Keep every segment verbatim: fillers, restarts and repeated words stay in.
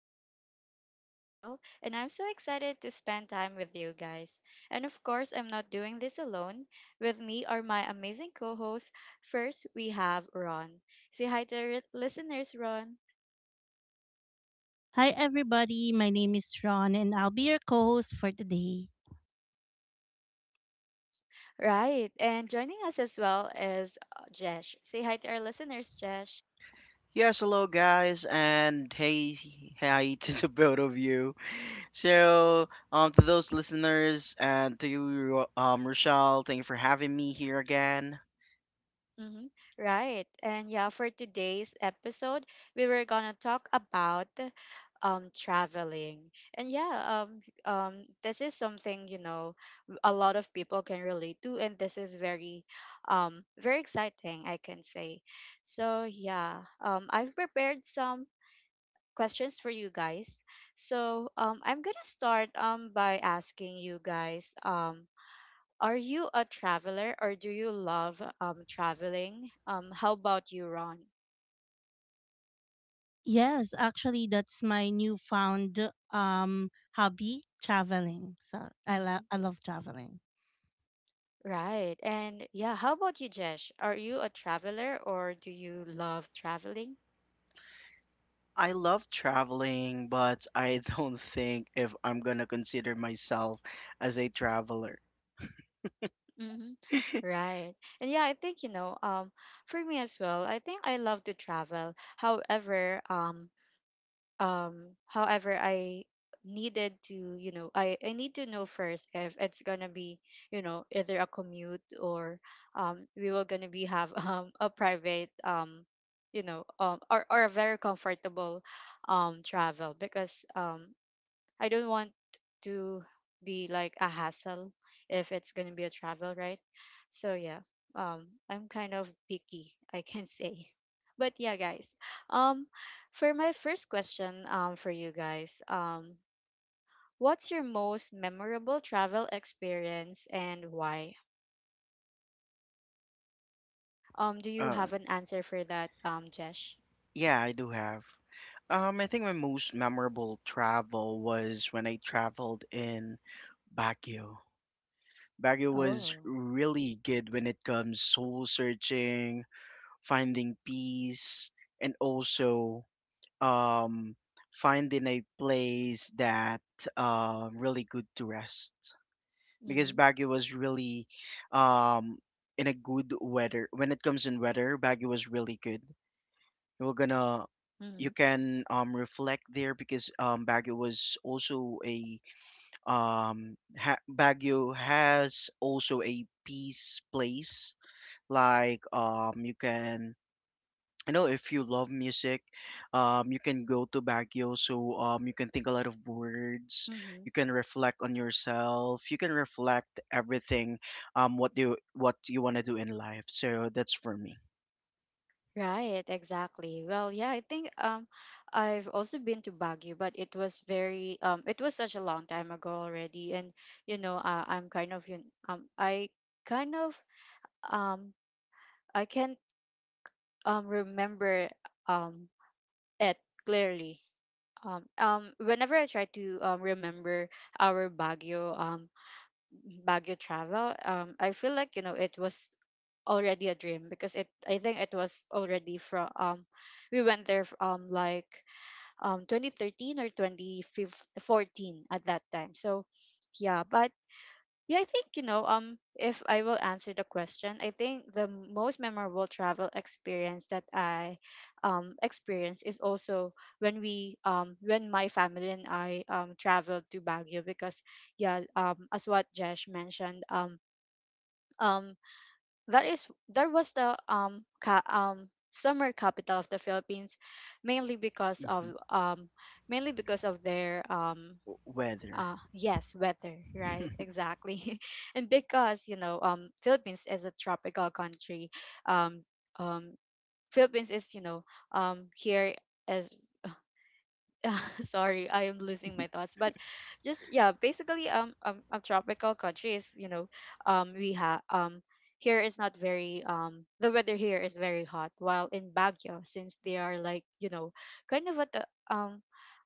I'm your host, Rochelle, and I'm so excited to spend time with you guys. And of course, I'm not doing this alone. With me are my amazing co hosts. First, we have Ron. Say hi to our listeners, Ron. Hi, everybody. My name is Ron, and I'll be your co host for today. Right, and joining us as well is uh, Jesh. Say hi to our listeners, Jesh. Yes, hello guys, and hey, hi to the both of you. So, um, to those listeners and to you, um, Rochelle, thank you for having me here again. Mm-hmm. Right. And yeah, for today's episode, we were gonna talk about um traveling. And yeah, um um this is something, you know, w- a lot of people can relate to, and this is very um very exciting, I can say. So yeah, um I've prepared some questions for you guys. So um I'm gonna start um by asking you guys, um are you a traveler or do you love um, traveling? Um, how about you, Ron? Yes, actually, that's my newfound um, hobby traveling. So I, lo- Hmm. I love traveling. Right. And yeah, how about you, Jesh? Are you a traveler or do you love traveling? I love traveling, but I don't think if I'm gonna consider myself as a traveler. Hmm. Right. And yeah, I think, you know, um, for me as well, I think I love to travel. However, um, um however i needed to, you know, i i need to know first if it's gonna be, you know, either a commute or um we were gonna be have um a private, um you know um or, or a very comfortable um travel, because um I don't want to be like a hassle if it's going to be a travel, right? So yeah, um, I'm kind of picky, I can say. But yeah, guys, um, for my first question, um, for you guys, um, what's your most memorable travel experience and why? Um, do you Uh, have an answer for that, um, Jesh? yeah, I do have. Um, I think my most memorable travel was when I traveled in Baguio. Baguio was Oh. really good when it comes soul searching, finding peace, and also um, finding a place that uh, really good to rest. Because Mm-hmm. Baguio was really um, in a good weather. When it comes in weather, Baguio was really good. We're gonna You can um, reflect there because um, Baguio was also a um, ha- Baguio has also a peace place like um you can, you know, if you love music, um you can go to Baguio, so um you can think a lot of words, you Mm-hmm. can reflect on yourself, you can reflect everything, um what you what you want to do in life. So that's for me. Right, exactly. Well, yeah, I think um I've also been to Baguio, but it was very um it was such a long time ago already, and you know, uh, I'm kind of you um I kind of um I can't um remember um it clearly. Um um whenever I try to um remember our Baguio um Baguio travel, um, I feel like, you know, it was already a dream, because it I think it was already from, um we went there f- um like um twenty thirteen or twenty fourteen at that time. So yeah, but yeah, I think, you know, um, if I will answer the question, I think the most memorable travel experience that I um experienced is also when we um when my family and I um traveled to Baguio, because yeah, um, as what Jesh mentioned, um um that is, there was the um ca- um summer capital of the Philippines, mainly because of Mhm. um mainly because of their um W- weather. uh, yes, weather, right, exactly. And because, you know, um, Philippines is a tropical country, um um Philippines is, you know, um here as sorry, I am losing my thoughts, but just yeah, basically, um, um a tropical country is, you know, um we have, um here is not very, um the weather here is very hot, while in Baguio, since they are, like, you know, kind of at the um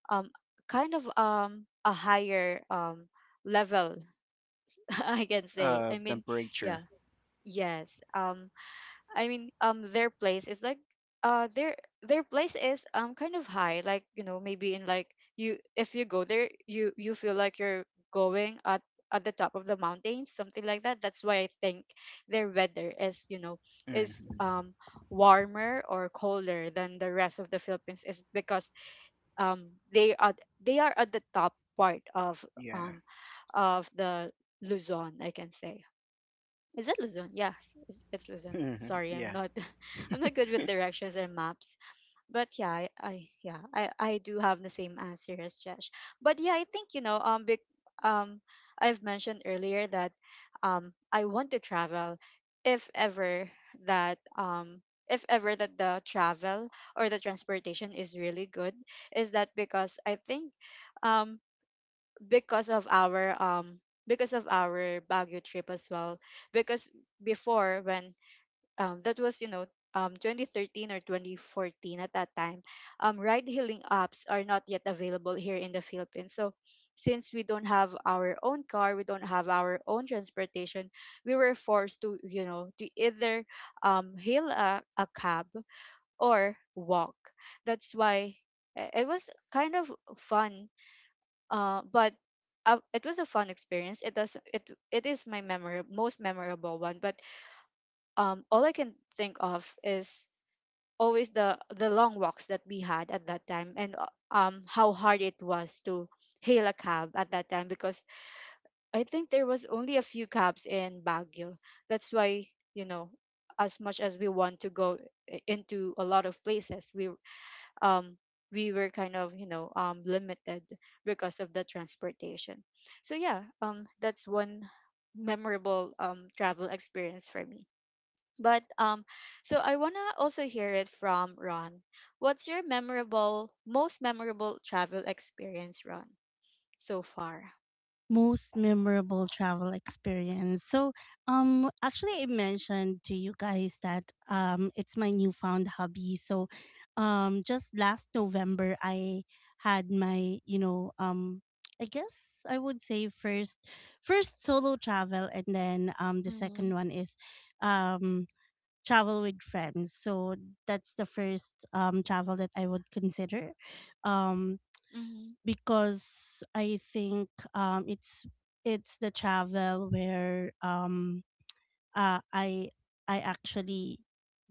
um kind of um a higher um level, I can say. uh I mean, temperature. yeah, yes. Um, I mean, um, their place is like, uh, their their place is um kind of high. Like, you know, maybe in like, you if you go there, you you feel like you're going at at the top of the mountains, something like that. That's why I think their weather is, you know, Hmm. is um warmer or colder than the rest of the Philippines, is because um they are they are at the top part of Yeah. um of the Luzon, I can say. Is it Luzon? Yes, it's, it's Luzon. Sorry, I'm Yeah. not I'm not good with directions and maps. But yeah, I, I yeah, I, I do have the same answer as Jesh. But yeah, I think, you know, um big um I've mentioned earlier that um I want to travel if ever that um if ever that the travel or the transportation is really good, is that because I think um because of our um because of our Baguio trip as well. Because before, when um that was, you know, um twenty thirteen or twenty fourteen at that time, um ride hailing apps are not yet available here in the Philippines. So since we don't have our own car, we don't have our own transportation, we were forced to, you know, to either um hail a, a cab or walk. That's why uh, it was kind of fun, uh, but uh, it was a fun experience. It does it it is my memorable most memorable one. But um, all I can think of is always the the long walks that we had at that time, and uh, um, how hard it was to hail a cab at that time, because I think there was only a few cabs in Baguio. That's why, you know, as much as we want to go i- into a lot of places, we um, we were kind of, you know, um, limited because of the transportation. So yeah, um, that's one memorable um, travel experience for me. But um, so I wanna also hear it from Ron. What's your memorable, most memorable travel experience, Ron, so far? Most memorable travel experience. So, um, actually, I mentioned to you guys that um, it's my newfound hobby. So, um, just last November, I had my, you know, um, I guess I would say first, first solo travel, and then um, the Mm-hmm. second one is, um, travel with friends. So that's the first um travel that I would consider. Um, Mm-hmm. because I think um it's it's the travel where um uh, I I actually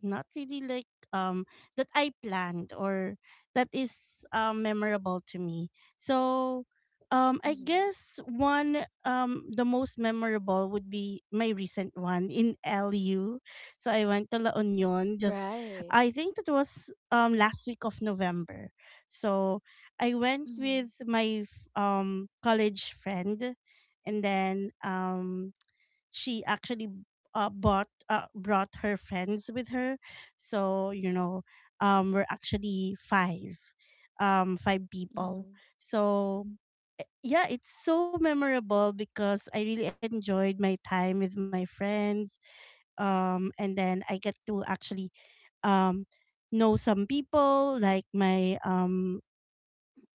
not really like um that I planned or that is um memorable to me. So um I Mm-hmm. guess one um the most memorable would be my recent one in L U. So I went to La Union. Just Right. I think it was um last week of November. So I went Mm-hmm. with my f- um college friend, and then um she actually uh, bought uh, brought her friends with her, so you know, um we're actually five um five people. Mm-hmm. So eh, yeah, it's so memorable because I really enjoyed my time with my friends, um and then I get to actually um know some people like my um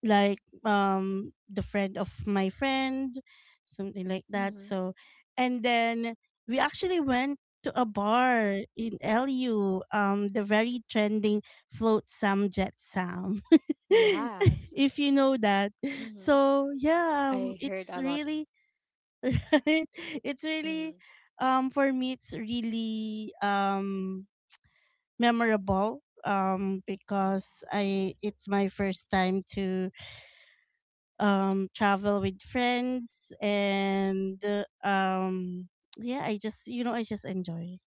like um the friend of my friend, something like that. Mm-hmm. So, and then we actually went to a bar in L U, um the very trending float sam jet sam Yes. if you know that. Mm-hmm. So yeah, um, I heard it's a lot. really right, it's really Mm-hmm. um for me it's really um memorable um because I it's my first time to um travel with friends, and uh, um yeah, i just you know I just enjoy.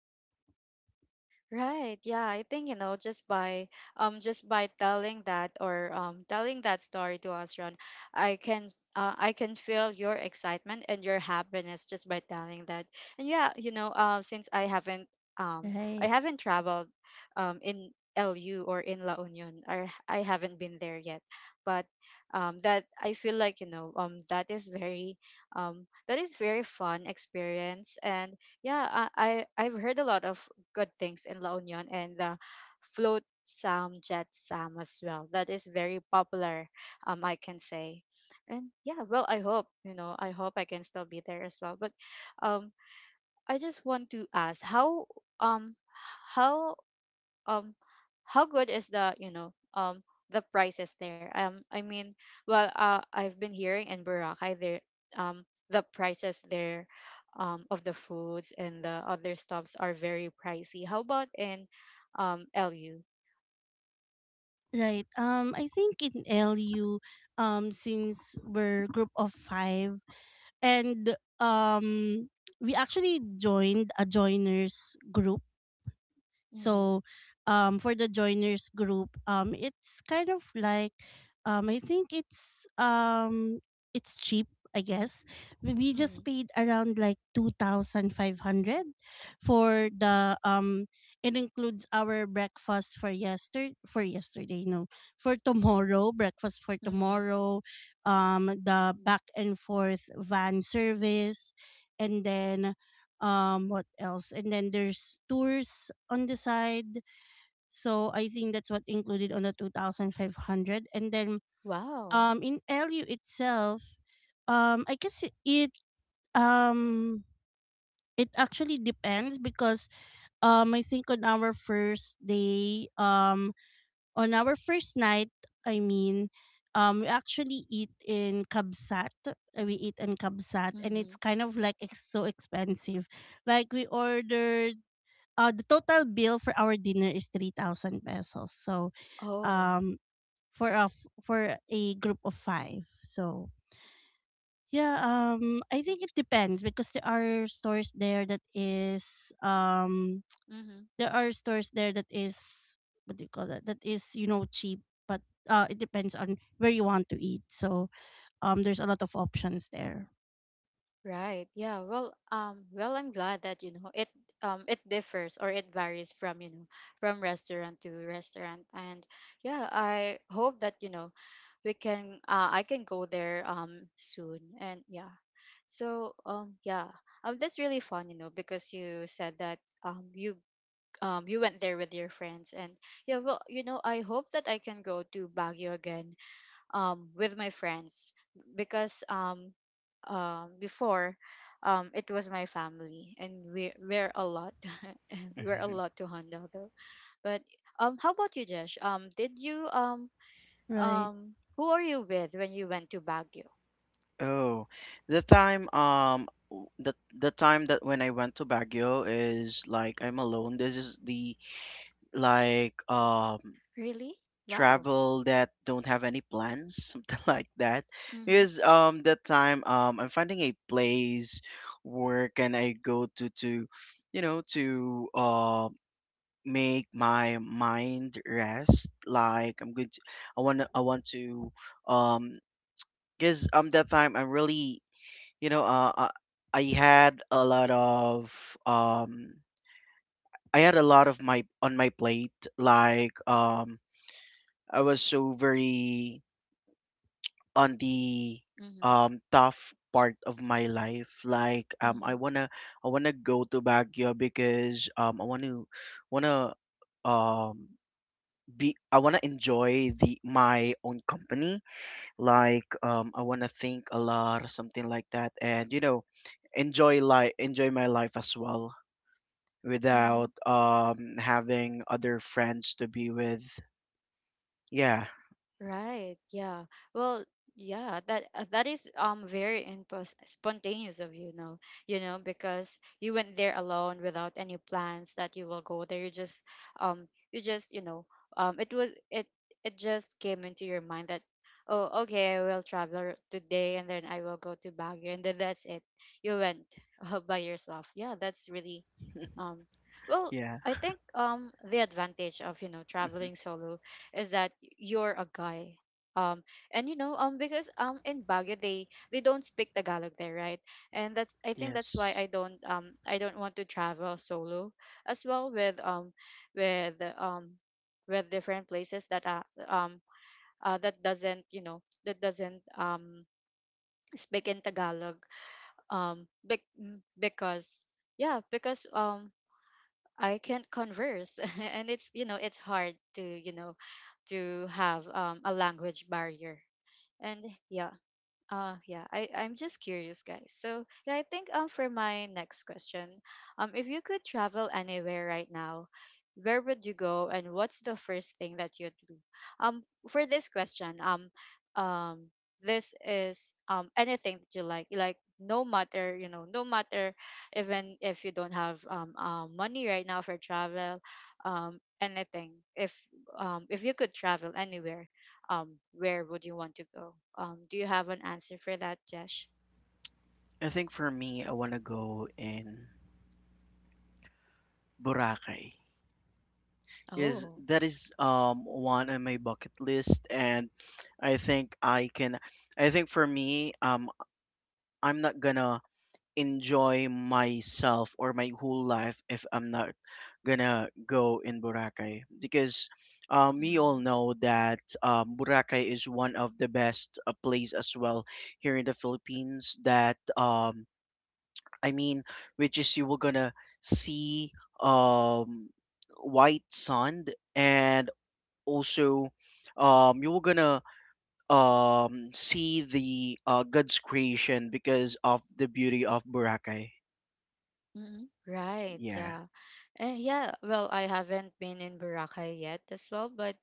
Right. Yeah, I think, you know, just by um just by telling that, or um telling that story to us, Ron, I can uh, I can feel your excitement and your happiness just by telling that. And yeah, you know, uh, since I haven't um I Right. haven't traveled um in L U, or in La Union, or I haven't been there yet, but um that I feel like, you know, um that is very um that is very fun experience, and yeah, I, I I've heard a lot of good things in La Union, and the float sam, jet sam as well. That is very popular, um, I can say. And yeah, well, I hope, you know, I hope I can still be there as well. But um, I just want to ask, how um how um how good is the, you know, um the prices there, um, I mean, well, uh, I've been hearing in Boracay there, um the prices there, um of the foods and the other stuffs are very pricey. How about in um LU? right um I think in LU, um since we're group of five, and um we actually joined a joiners group. Mm-hmm. So, um, for the joiners group, um, it's kind of like, um, I think it's um, it's cheap. I guess we we just Mm-hmm. paid around like two thousand five hundred for the um. It includes our breakfast for yesterday, for yesterday, no, for tomorrow, breakfast for Mm-hmm. tomorrow, um, the back and forth van service, and then um what else, and then there's tours on the side. So I think that's what included on the two thousand five hundred. And then Wow. um in LU itself, um i guess it it, um it actually depends because um I think on our first day um on our first night. i mean um we actually eat in kabsat. Uh, we eat in kabsat, and it's Mm-hmm. kind of like ex- so expensive. Like, we ordered uh, the total bill for our dinner is three thousand pesos. So, Oh. um, for a, f- for a group of five. So, yeah, um, I think it depends because there are stores there that is, um, Mm-hmm. there are stores there that is, what do you call that, that is, you know, cheap, but uh, it depends on where you want to eat. So, um, there's a lot of options there. Right. Yeah. Well, um, well, I'm glad that, you know, it um, it differs, or it varies from, you know, from restaurant to restaurant, and yeah, I hope that, you know, we can. Uh, I can go there um soon, and yeah. So um yeah, um, that's really fun, you know, because you said that um you um you went there with your friends, and yeah, well, you know, I hope that I can go to Baguio again um, with my friends, because um, um, before um, it was my family, and we we're a lot we're a lot to handle though, but um, how about you, Josh, um did you um Right. um who are you with when you went to Baguio? Oh, the time um w- the the time that when I went to Baguio is like I'm alone. This is the like um Really. Wow. travel that don't have any plans, something like that. Mhm. Because um that time um I'm finding a place where can I go to to you know, to uh make my mind rest. Like I'm going to, I want to I want to um because um that time I'm really, you know, uh, uh, I had a lot of um i had a lot of my on my plate. Like um I was so very on the Mhm. um tough part of my life. Like um I Mhm. want to, i want to go to Baguio because um I want to want to um be, I want to enjoy the my own company, like um I want to think a lot or something like that, and you know, enjoy life, enjoy my life as well, without Mhm. um having other friends to be with. Yeah, Right. Yeah. Well, yeah, that uh, that is um, very impos- spontaneous of, you know, you know, because you went there alone without any plans that you will go there. You just um you just, you know, um it was it it just came into your mind that oh, okay, I will travel today, and then I will go to Baguio, and then that's it. You went uh, by yourself. Yeah, that's really um, well, yeah. I think um, the advantage of, you know, Mhm. traveling solo is that you're a guy. Um, and you know, um, because um in Baguio they they don't speak Tagalog there, right? And that's I think that's why Yes. I don't um I don't want to travel solo as well with um with um with different places that are um uh, that doesn't, you know, that doesn't um speak in Tagalog, um bec- mm, because yeah, because um, I can't converse and it's, you know, it's hard to, you know, to have um, a language barrier. And yeah, uh, yeah, I I'm just curious, guys. So yeah, I think um, for my next question, um, if you could travel anywhere right now, where would you go, and what's the first thing that you'd do? Um, for this question, um um this is um, anything that you like, like no matter, you know, no matter, even if you don't have um, um, money right now for travel, um, anything, if um if you could travel anywhere, um, where would you want to go? Um, do you have an answer for that, Jesh? I think for me I want to go in Boracay. Is Oh. that is um one on my bucket list, and I think I can, I think for me, um I'm not gonna enjoy myself or my whole life if I'm not gonna go in Boracay. Because um, we all Mm-hmm. know that um, Boracay is one of the best uh, place as well here in the Philippines, that um, I mean, which is you were gonna see um, white sand, and also um, you were gonna um, see the uh, God's creation because of the beauty of Boracay. Mm-hmm. Right, Yeah. yeah. Eh, yeah, well, I haven't been in Boracay yet as well, but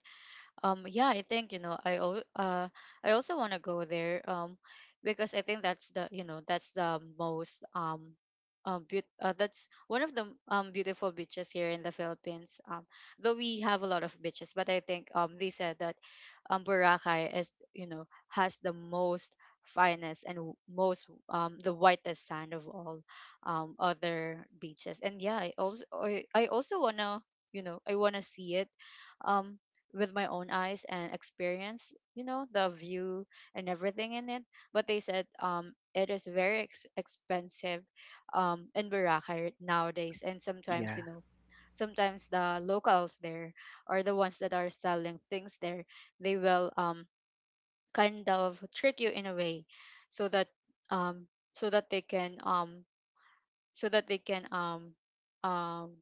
Um, yeah, I think, you know, I al- uh I also want to go there um because I think that's the, you know, that's the most um um beau- uh, that's one of the um beautiful beaches here in the Philippines. Um though we have a lot of beaches, but I think um they said that um Boracay is, you know, has the most finest and w- most um the whitest sand of all um other beaches. And yeah, I also I, I also want to, you know, I want to see it. Um with my own eyes and experience you know the view and everything in it, but they said um it is very ex- expensive um in Boracay right nowadays, and sometimes Yeah. you know sometimes the locals there or the ones that are selling things there, they will um kind of trick you in a way so that um so that they can um so that they can um um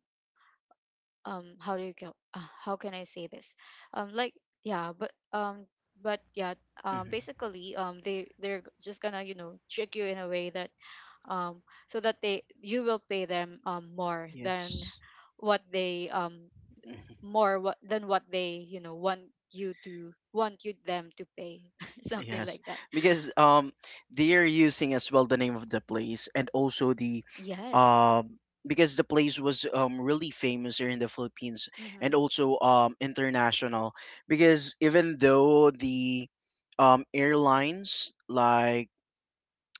um how do you go uh, how can I say this, um like yeah but um but yeah, um Hmm. basically um they they're just gonna you know trick you in a way that um so that they you will pay them um more than Yes. what they um Hmm. more what than what they you know want you to want you them to pay something Yes. like that. Because um they're using as well the name of the place, and also the Yes. um because the place was um really famous here in the Philippines, and Mm-hmm. also um international, because even though the um airlines, like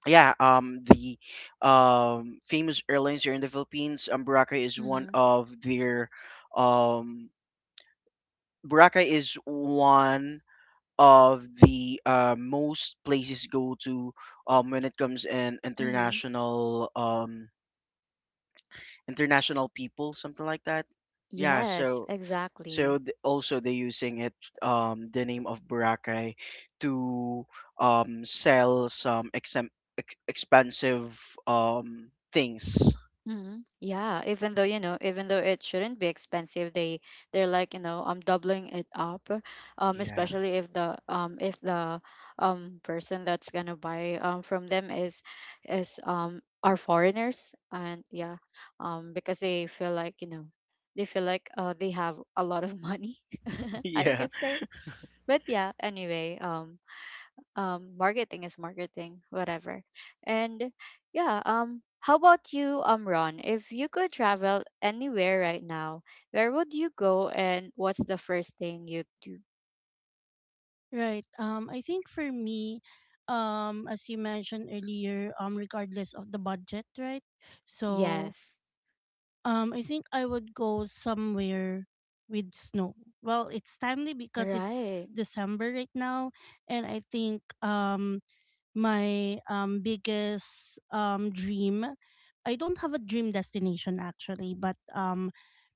yeah um the um famous airlines here in the Philippines, um Boracay is one Mm-hmm. of their um Boracay is one of the uh, most places go to, um, when it comes in Mm-hmm. international, um, international people, something like that. Yeah, Yes, so exactly. so th- also they're using it, um, the name of Boracay, to um, sell some exem- ex- expensive um, things. Hmm. Yeah, even though you know, even though it shouldn't be expensive, they they're like you know, I'm doubling it up, um, Yeah. especially if the um if the um person that's gonna buy um from them is is um are foreigners. And yeah, um because they feel like you know they feel like uh they have a lot of money, I Yeah, could say. But yeah, anyway, um um marketing is marketing, whatever. And yeah, um how about you, um Ron? If you could travel anywhere right now, where would you go and what's the first thing you do? Right. Um, I think for me, um, as you mentioned earlier, um, regardless of the budget, right? So, Yes. um, I think I would go somewhere with snow. Well, it's timely because Right. it's December right now, and I think um my um biggest um dream. I don't have a dream destination, actually, but um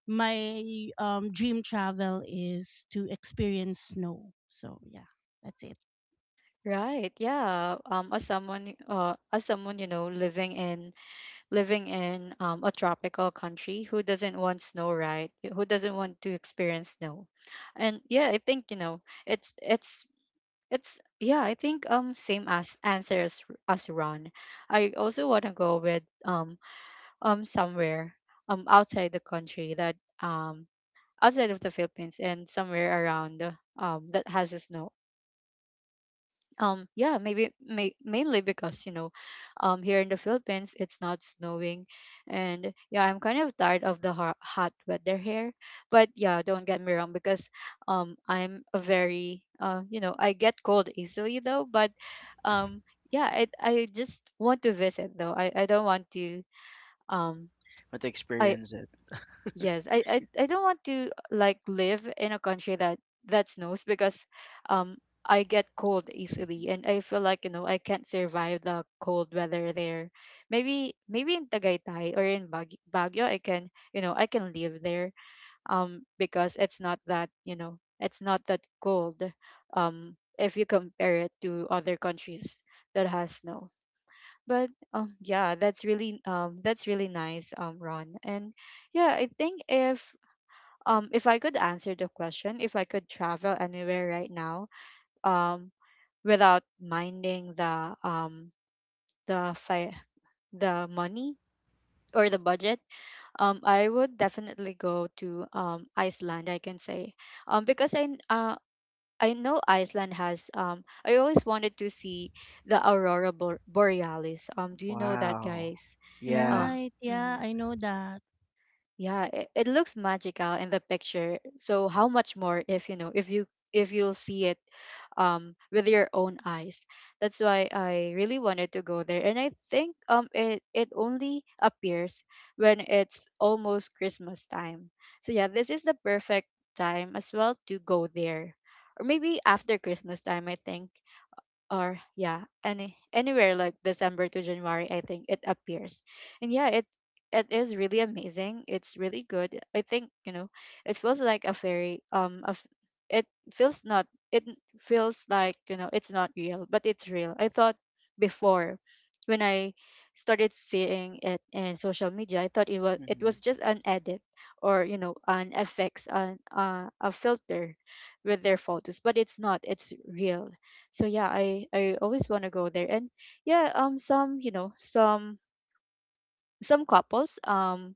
my um dream travel is to experience snow. So yeah, that's it. Right, yeah. Um as someone, uh as someone you know living in living in um a tropical country, who doesn't want snow, right? Who doesn't want to experience snow? And yeah, I think you know, it's it's it's yeah, I think um same as answer as, as Ron. I also want to go with um um somewhere um outside the country, that um outside of the Philippines, and somewhere around um that has snow. Um yeah, maybe may, mainly because you know um here in the Philippines it's not snowing, and yeah, I'm kind of tired of the hot, hot weather here. But yeah, don't get me wrong, because um I'm a very uh you know, I get cold easily though. But um yeah, i, I just want to visit, though i, I don't want to um but to I, experience it. yes, I, I I don't want to like live in a country that that snows, because um I get cold easily Mhm. and I feel like you know I can't survive the cold weather there. Maybe maybe in Tagaytay or in Bag- Baguio I can you know I can live there, um because it's not that you know it's not that cold um if you compare it to other countries that has snow. But um yeah, that's really um that's really nice, um Ron. And yeah, I think if um, if I could answer the question, if I could travel anywhere right now, um, without minding the um the fi- the money or the budget, um, I would definitely go to um Iceland, I can say, um, because I kn- uh. I know Iceland has, um I always wanted to see the aurora Bor- borealis. Um do you know that, Wow. guys? Yeah. Um Right. Yeah, mhm. I know that. Yeah, it, it looks magical in the picture. So how much more if you know if you if you'll see it um with your own eyes. That's why I really wanted to go there. And I think um it it only appears when it's almost Christmas time. So yeah, this is the perfect time as well to go there. Or maybe after Christmas time, I think, or yeah, any anywhere like December to January, I think it appears. And yeah, it it is really amazing, it's really good. I think you know it feels like a very um of it feels not it feels like you know it's not real, but it's real. I thought before when I started seeing it in social media, I thought it was it Mhm. was just an edit or you know an effects an uh, a filter with their photos, but it's not, it's real. So yeah, i i always want to go there. And yeah, um some you know some some couples um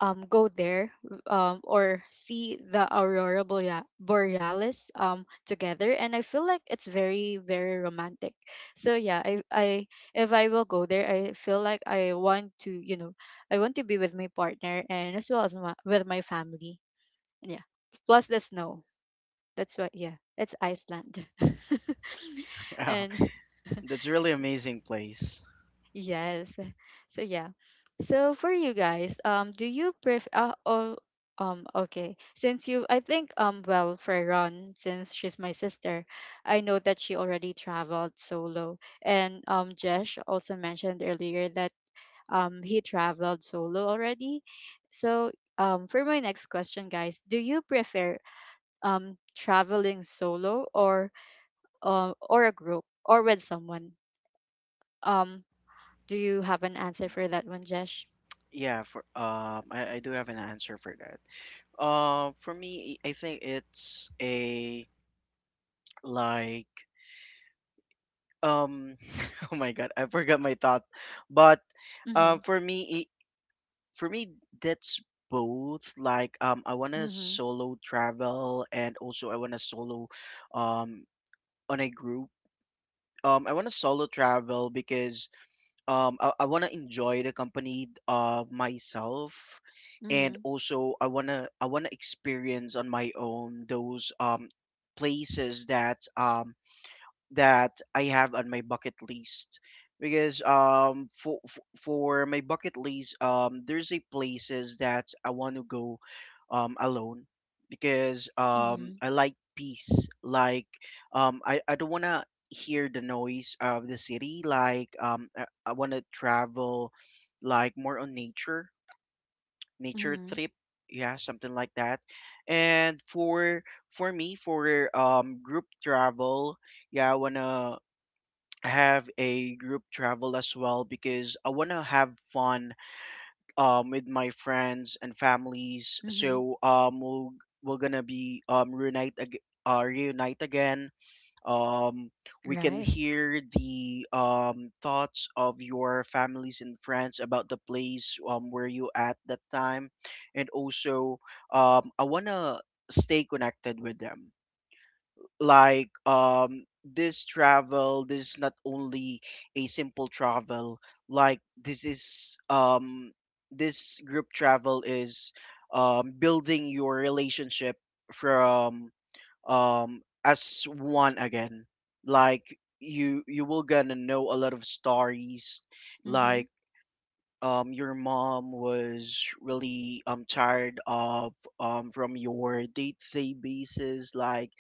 um go there um or see the aurora borea- borealis um together, and I feel like it's very, very romantic. So yeah, I I if I will go there, I feel like I want to you know I want to be with my partner, and as well as my, with my family. Yeah, plus the snow. That's why yeah, it's Iceland. Oh, And that's really amazing place. yes. So yeah. So for you guys, um, do you prefer? Uh, oh, um, okay. Since you, I think, um, well, for Ron, since she's my sister, I know that she already traveled solo. And um, Jesh also mentioned earlier that um he traveled solo already. So um, for my next question, guys, do you prefer um traveling solo or uh, or a group, or with someone? Um, do you have an answer for that one, Jesh? Yeah, for um, I, I do have an answer for that. Uh, for me, I think it's a like um, oh my God, I forgot my thought. But uh, Mhm, for me, it, for me, that's both. Like um, I want to mhm, solo travel, and also I want to solo um on a group. Um, I want to solo travel because um i, I want to enjoy the company of myself. And mhm, also i want to I want to experience on my own those um places that um that I have on my bucket list, because um for for my bucket list um there's a places that I want to go um alone, because um mhm, I like peace, like um I I don't want to hear the noise of the city. Like um I, I want to travel like more on nature, nature mhm, trip, yeah, something like that. And for for me, for um group travel, yeah, I wanna have a group travel as well, because I want to have fun um with my friends and families. mhm. So um we'll, we're gonna be um reunite ag- uh, reunite again. Um, we can Right. hear the um thoughts of your families and friends about the place um where you at that time, and also um I wanna stay connected with them, like um this travel, this is not only a simple travel, like this is um this group travel is um building your relationship from um as one again. Like you you will gonna know a lot of stories, Mhm, like um your mom was really um tired of um from your day-to-day basis. Like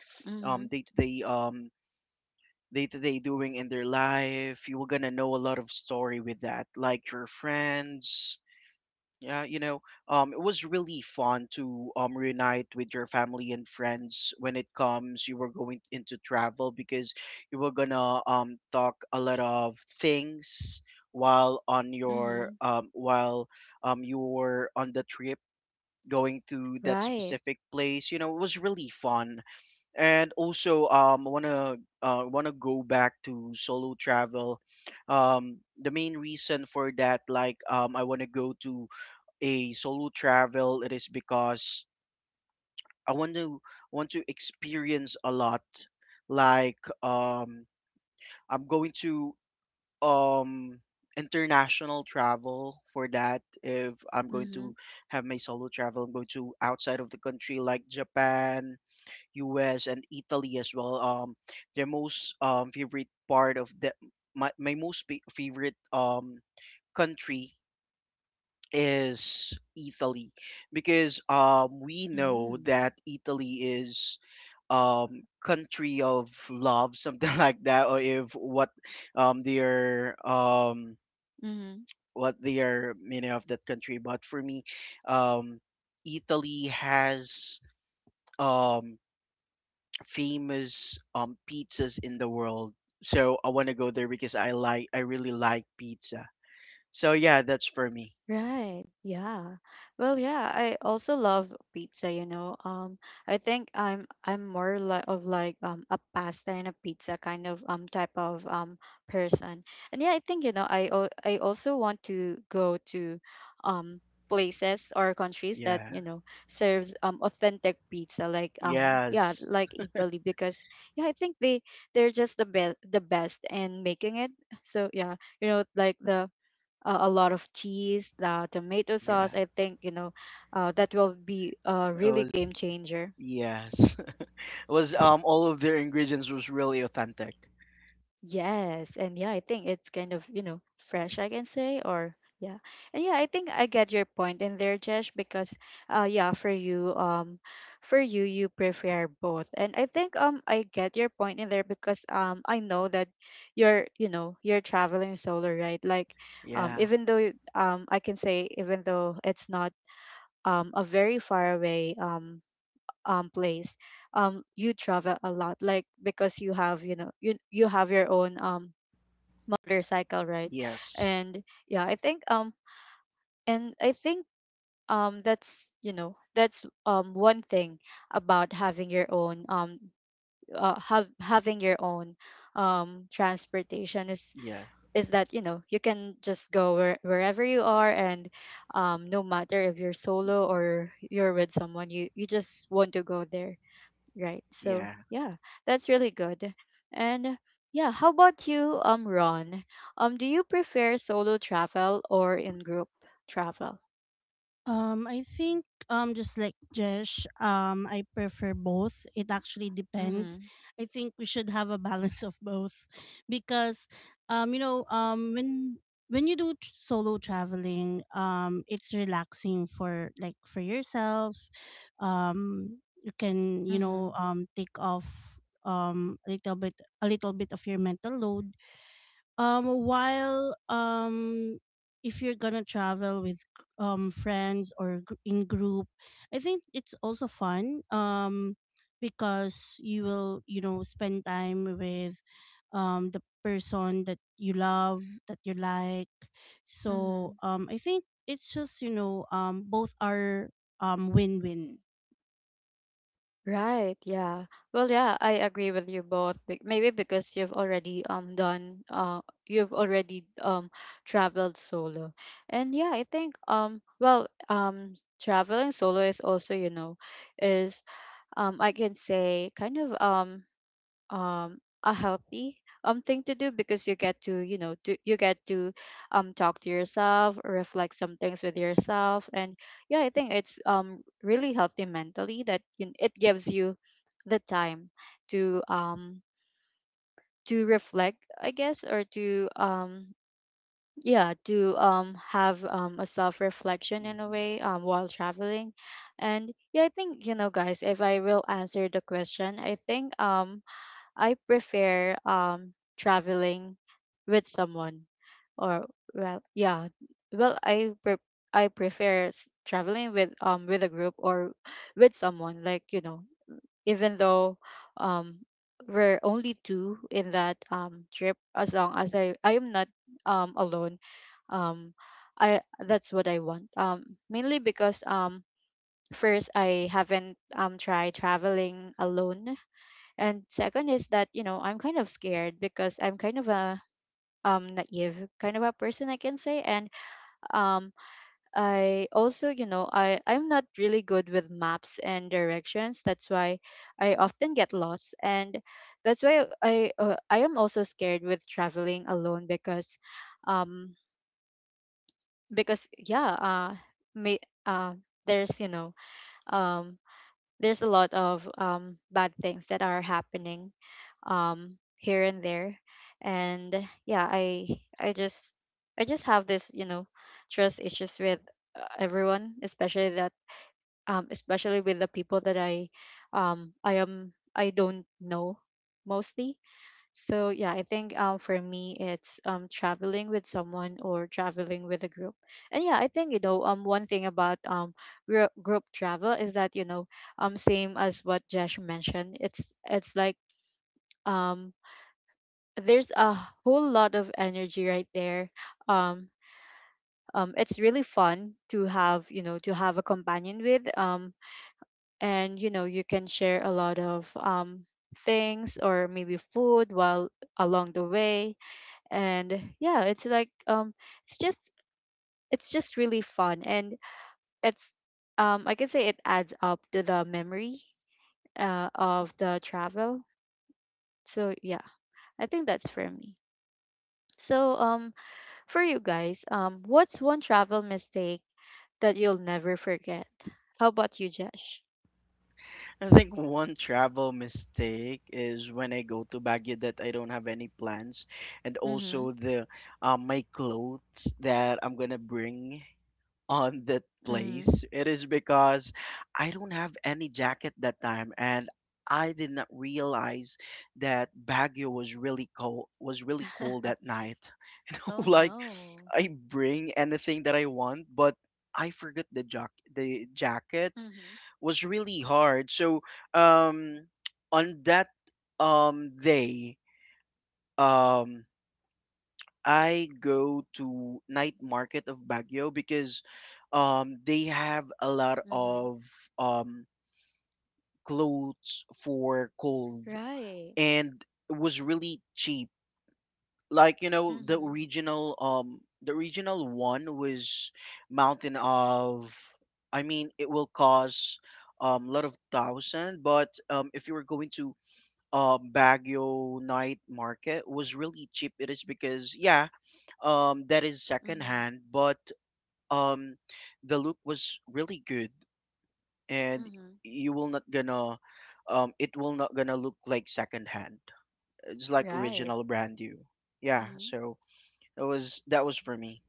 um mhm, day-to-day um day-to-day doing in their life, you were gonna know a lot of story with that, like your friends. Yeah, you know, um, it was really fun to um reunite with your family and friends when it comes you were going into travel, because you were gonna um talk a lot of things while on your mhm. um while um you were on the trip going to that Right. specific place. You know, it was really fun. And also um I wanna uh wanna go back to solo travel. Um the main reason for that, like um I wanna go to a solo travel, it is because I want to, want to experience a lot. Like um, I'm going to um international travel for that. If I'm going to Mhm, have my solo travel, I'm going to outside of the country, like Japan, U S and Italy as well. Um, their most um favorite part of the my my most pa- favorite um country is Italy, because um we know mm, that Italy is um country of love, something like that, or if what um their um mhm. what their meaning of that country. But for me, um Italy has um famous um pizzas in the world, so I want to go there because I like, I really like pizza. So yeah, that's for me. Right. Yeah. Well, yeah, I also love pizza, you know. Um I think I'm I'm more li of like um a pasta and a pizza kind of um type of um person. And yeah, I think you know, I al- I also want to go to um places or countries that, Yeah. you know, serves um authentic pizza, like um yeah, Yes. like Italy, because yeah, I think they they're just the best the best in making it. So yeah, you know, like the uh, a lot of cheese, the tomato sauce. Yeah. I think you know uh, that will be a It really was. game changer. Yes. It was um all of their ingredients was really authentic. Yes, and yeah, I think it's kind of you know fresh, I can say, or yeah, and yeah, I think I get your point in there, Jesh. Because uh, yeah, for you, um, for you, you prefer both. And I think um, I get your point in there, because um, I know that you're you know you're traveling solo, right? Like, um, Yeah. even though um, I can say even though it's not um, a very far away um, um, place, um, you travel a lot, like, because you have you know you you have your own um, motorcycle, right? Yes. And yeah, I think um, and I think um, that's you know that's um, one thing about having your own, um, uh, have having your own um, transportation is Yeah. is that you know you can just go where, wherever you are. And um, no matter if you're solo Hmm. or you're with someone, you you just want to go there, right? So Yeah. yeah, that's really good. And yeah, how about you, um Ron? Um do you prefer solo travel or in group travel? Um, I think um just like Jesh, um I prefer both. It actually depends. Mm-hmm. I think we should have a balance of both because um you know um when when you do tr- solo traveling, um it's relaxing for, like, for yourself. Um you can, you know, Mm-hmm. um take off um a little bit a little bit of your mental load, um, while um, if you're gonna travel with um friends or gr- in group, I think it's also fun. Um, because you will, you know, spend time with um the person that you love, that you like. So Mm-hmm. um, I think it's just, you know, um both are um win win. Right, yeah. Well, yeah, I agree with you both. be- Maybe because you've already um done uh you've already um traveled solo. And yeah, I think um well, um traveling solo is also, you know, is um I can say kind of um um a healthy um thing to do because you get to you know to you get to um talk to yourself, reflect some things with yourself. And yeah, I think it's um really healthy mentally, that you, it gives you the time to um to reflect, I guess, or to um yeah, to um have um a self reflection in a Hmm. way um while traveling. And yeah, I think, you know, guys, if I will answer the question, I think um I prefer um traveling with someone or, well, yeah, well I pre- I prefer s- traveling with um with a group or with someone, like, you know, even though um we're only two in that um trip, as long as I I am not um alone, um I, that's what I want, um mainly because um first, I haven't um tried traveling alone. And second is that, you know, I'm kind of scared because I'm kind of a um naive kind of a person, I can say. And um I also, you know, i i'm not really good with maps and directions, that's why I often get lost. And that's why I, uh, I am also scared with traveling alone, because um because yeah, uh may uh there's, you know, um there's a lot of um, bad things that are happening um, here and there. And yeah, i I just, I just have this, you know, trust issues with uh, everyone, especially that um, especially with the people that I um, I am, I don't know, mostly. So yeah, I think um for me, it's um traveling with someone or traveling with a group. And yeah, I think, you know, um one thing about um group group travel is that, you know, um same as what Josh mentioned, it's it's like um there's a whole lot of energy right there. Um um it's really fun to have, you know, to have a companion with, um and you know you can share a lot of um things, or maybe food, while along the way. And yeah, it's like um it's just, it's just really fun. And it's um I can say it adds up to the memory, uh, of the travel. So yeah, I think that's for me. So um for you guys, um what's one travel mistake that you'll never forget? How about you, Josh? I think one travel mistake is when I go to Baguio that I don't have any plans, and Mm-hmm. also the um my clothes that I'm gonna bring on that Mm-hmm. place. It is because I don't have any jacket that time, and I did not realize that Baguio was really cold was really cold at night. Oh Like no. I bring anything that I want, but I forgot the jack the jacket, Mm-hmm. was really hard. So um on that um day um I go to night market of Baguio because um they have a lot Mm-hmm. of um clothes for cold, Right. and it was really cheap. Like you know, the Mm-hmm. original, um the original one was mountain of, I mean, it will cost um lot of thousand, but um if you were going to um Baguio night market, was really cheap. It is because yeah, um that is second Mm-hmm. hand, but um the look was really good, and Mm-hmm. you will not gonna um it will not gonna look like second hand. It's like Right. original brand new. Yeah, Mm-hmm. so that was, that was for me.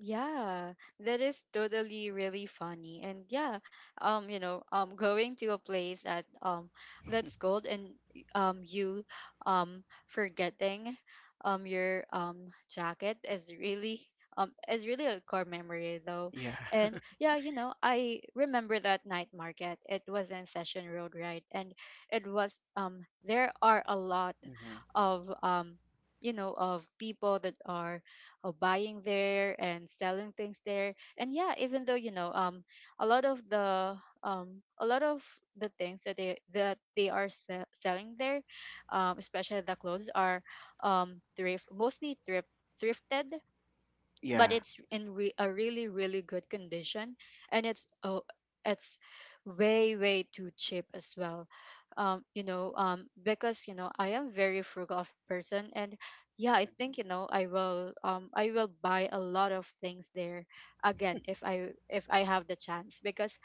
Yeah, that is totally really funny. And yeah, um, you know, um going to a place that um that's cold, and um you um forgetting um your um jacket is really um is really a core memory though. Yeah. And yeah, you know, I remember that night market. It was in Session Road, right? And it was um there are a lot Hmm. of um you know, of people that are uh, buying there and selling things there. And yeah, even though, you know, um, a lot of the um, a lot of the things that they, that they are se- selling there, um, especially the clothes are um thrift, mostly thrift thrifted, but Yeah. it's in re- a really really good condition. And it's, oh, it's way way too cheap as well, um you know, um because you know I am very frugal of person. And yeah, I think, you know, i will um I will buy a lot of things there again, if i if i have the chance, because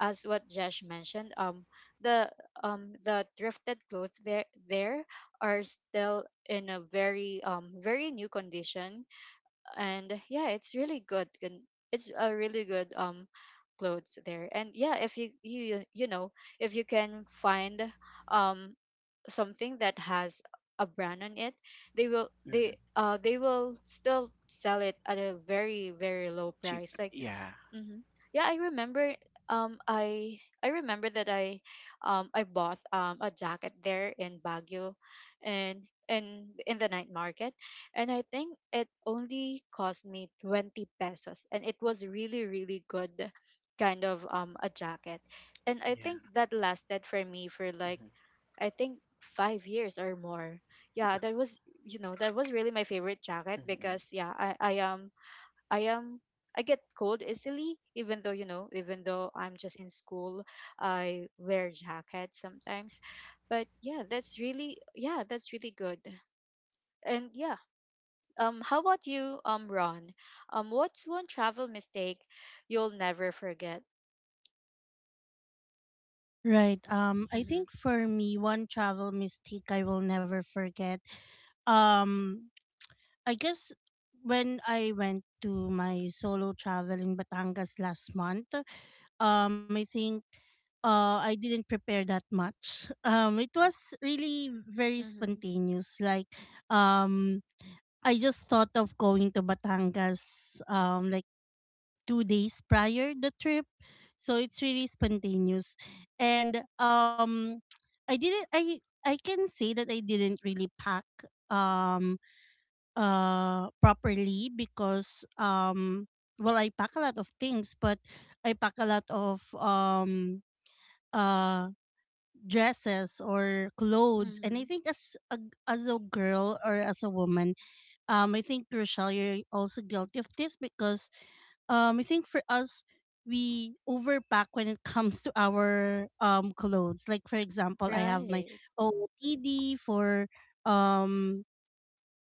as what Jesh mentioned, um the um the thrifted clothes there, there are still in a very um very new condition. And yeah, it's really good, and it's a really good um clothes there. And yeah, if you you you know, if you can find um something that has a brand on it, they will they Hmm. uh they will still sell it at a very very low Cheap. price, like. Yeah. Mm-hmm. Yeah, I remember. Um, I I remember that I, um, I bought um a jacket there in Baguio, and in in the night market, and I think it only cost me twenty pesos, and it was really really good, kind of um a jacket, and I Yeah. think that lasted for me for, like, Hmm. I think five years or more. Yeah, that was, you know, that was really my favorite jacket, Hmm. because yeah, I I am, I am, I get cold easily, even though, you know, even though I'm just in school, I wear jackets sometimes. But yeah, that's really, yeah, that's really good. And yeah, um, how about you, um, Ron? Um, what's one travel mistake you'll never forget? Right. Um, I Mm-hmm. think for me, one travel mistake I will never forget. Um, I guess when I went to my solo travel in Batangas last month, um, I think uh, I didn't prepare that much. Um, it was really very Mm-hmm. spontaneous. Like, um, I just thought of going to Batangas um, like two days prior the trip, so it's really spontaneous. And um, I didn't. I I can say that I didn't really pack. Um, uh properly, because um well, I pack a lot of things, but I pack a lot of um uh dresses or clothes. And I Mm-hmm. think as a, as a girl, or as a woman, um I think, Rochelle, you're also guilty of this, because um I think for us, we overpack when it comes to our um clothes. Like, for example, I have my Right. O O T D for um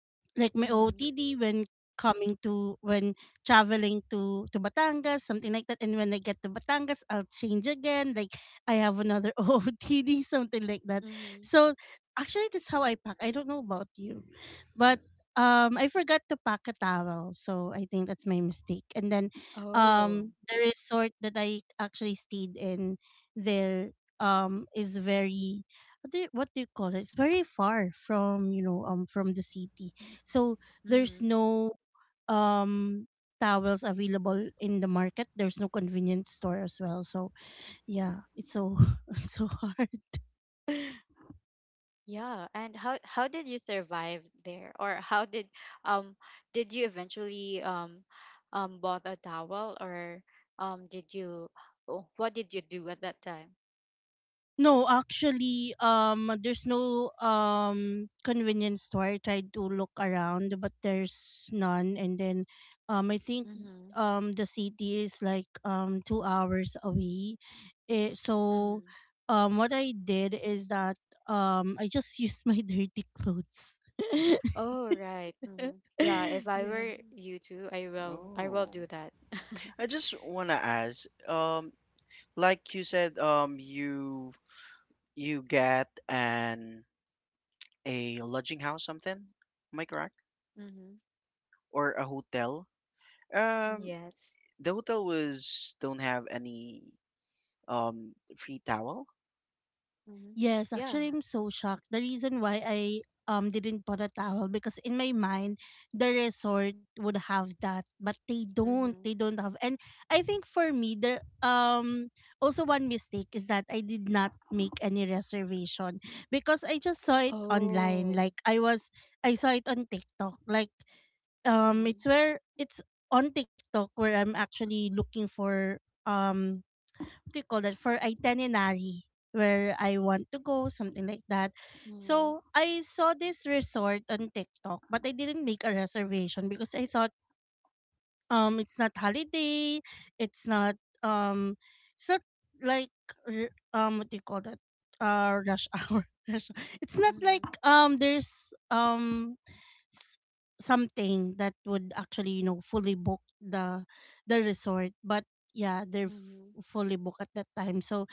like my Mm-hmm. O O T D when coming to, when traveling to to Batangas, something like that. And when I get to Batangas, I'll change again. Like, I have another O O T D, something like that. Mm-hmm. So actually, that's how I pack. I don't know about you, but um, I forgot to pack a towel, so I think that's my mistake. And then, Oh. um, the resort that I actually stayed in there um is very, what do you, what do you call it, it's very far from, you know, um from the city. So there's Mm-hmm. no um towels available in the market. There's no convenience store as well. So yeah, it's so it's so hard. Yeah, and how how did you survive there? Or how did um did you eventually um um bought a towel, or um did you, oh, what did you do at that time? No, actually, um, there's no um convenience store. I tried to look around, but there's none. And then, um, I think Mm-hmm. um the city is like um two hours away. Eh, so, Mm-hmm. um, what I did is that um I just used my dirty clothes. Oh right. Mm-hmm. Yeah, if I Yeah. were you too, I will, I will do Oh, that. I just wanna ask. Um, like you said, um, you, you get an a lodging house something. Am I correct? Mm-hmm. Or a hotel? Um, Yes. the hotel was don't have any um free towel. Mm-hmm. Yes, Yeah. actually, I'm so shocked. The reason why I um didn't put a towel, because in my mind, the resort would have that, but they don't. They Mm-hmm. don't have. And I think for me, the um also one mistake is that I did not make any reservation, because I just saw it online. Oh. Like, I was, I saw it on TikTok. Like, um, Mm-hmm. it's where it's on TikTok where I'm actually looking for um what do you call that, for itinerary, where I want to go, something like that. Mm-hmm. So I saw this resort on TikTok, but I didn't make a reservation because I thought um it's not holiday, it's not um it's not like r- um what do you call that, uh rush hour, rush hour. It's not like um there's um s- something that would actually, you know, fully book the the resort, but yeah, they're Mm-hmm. f- fully booked at that time. So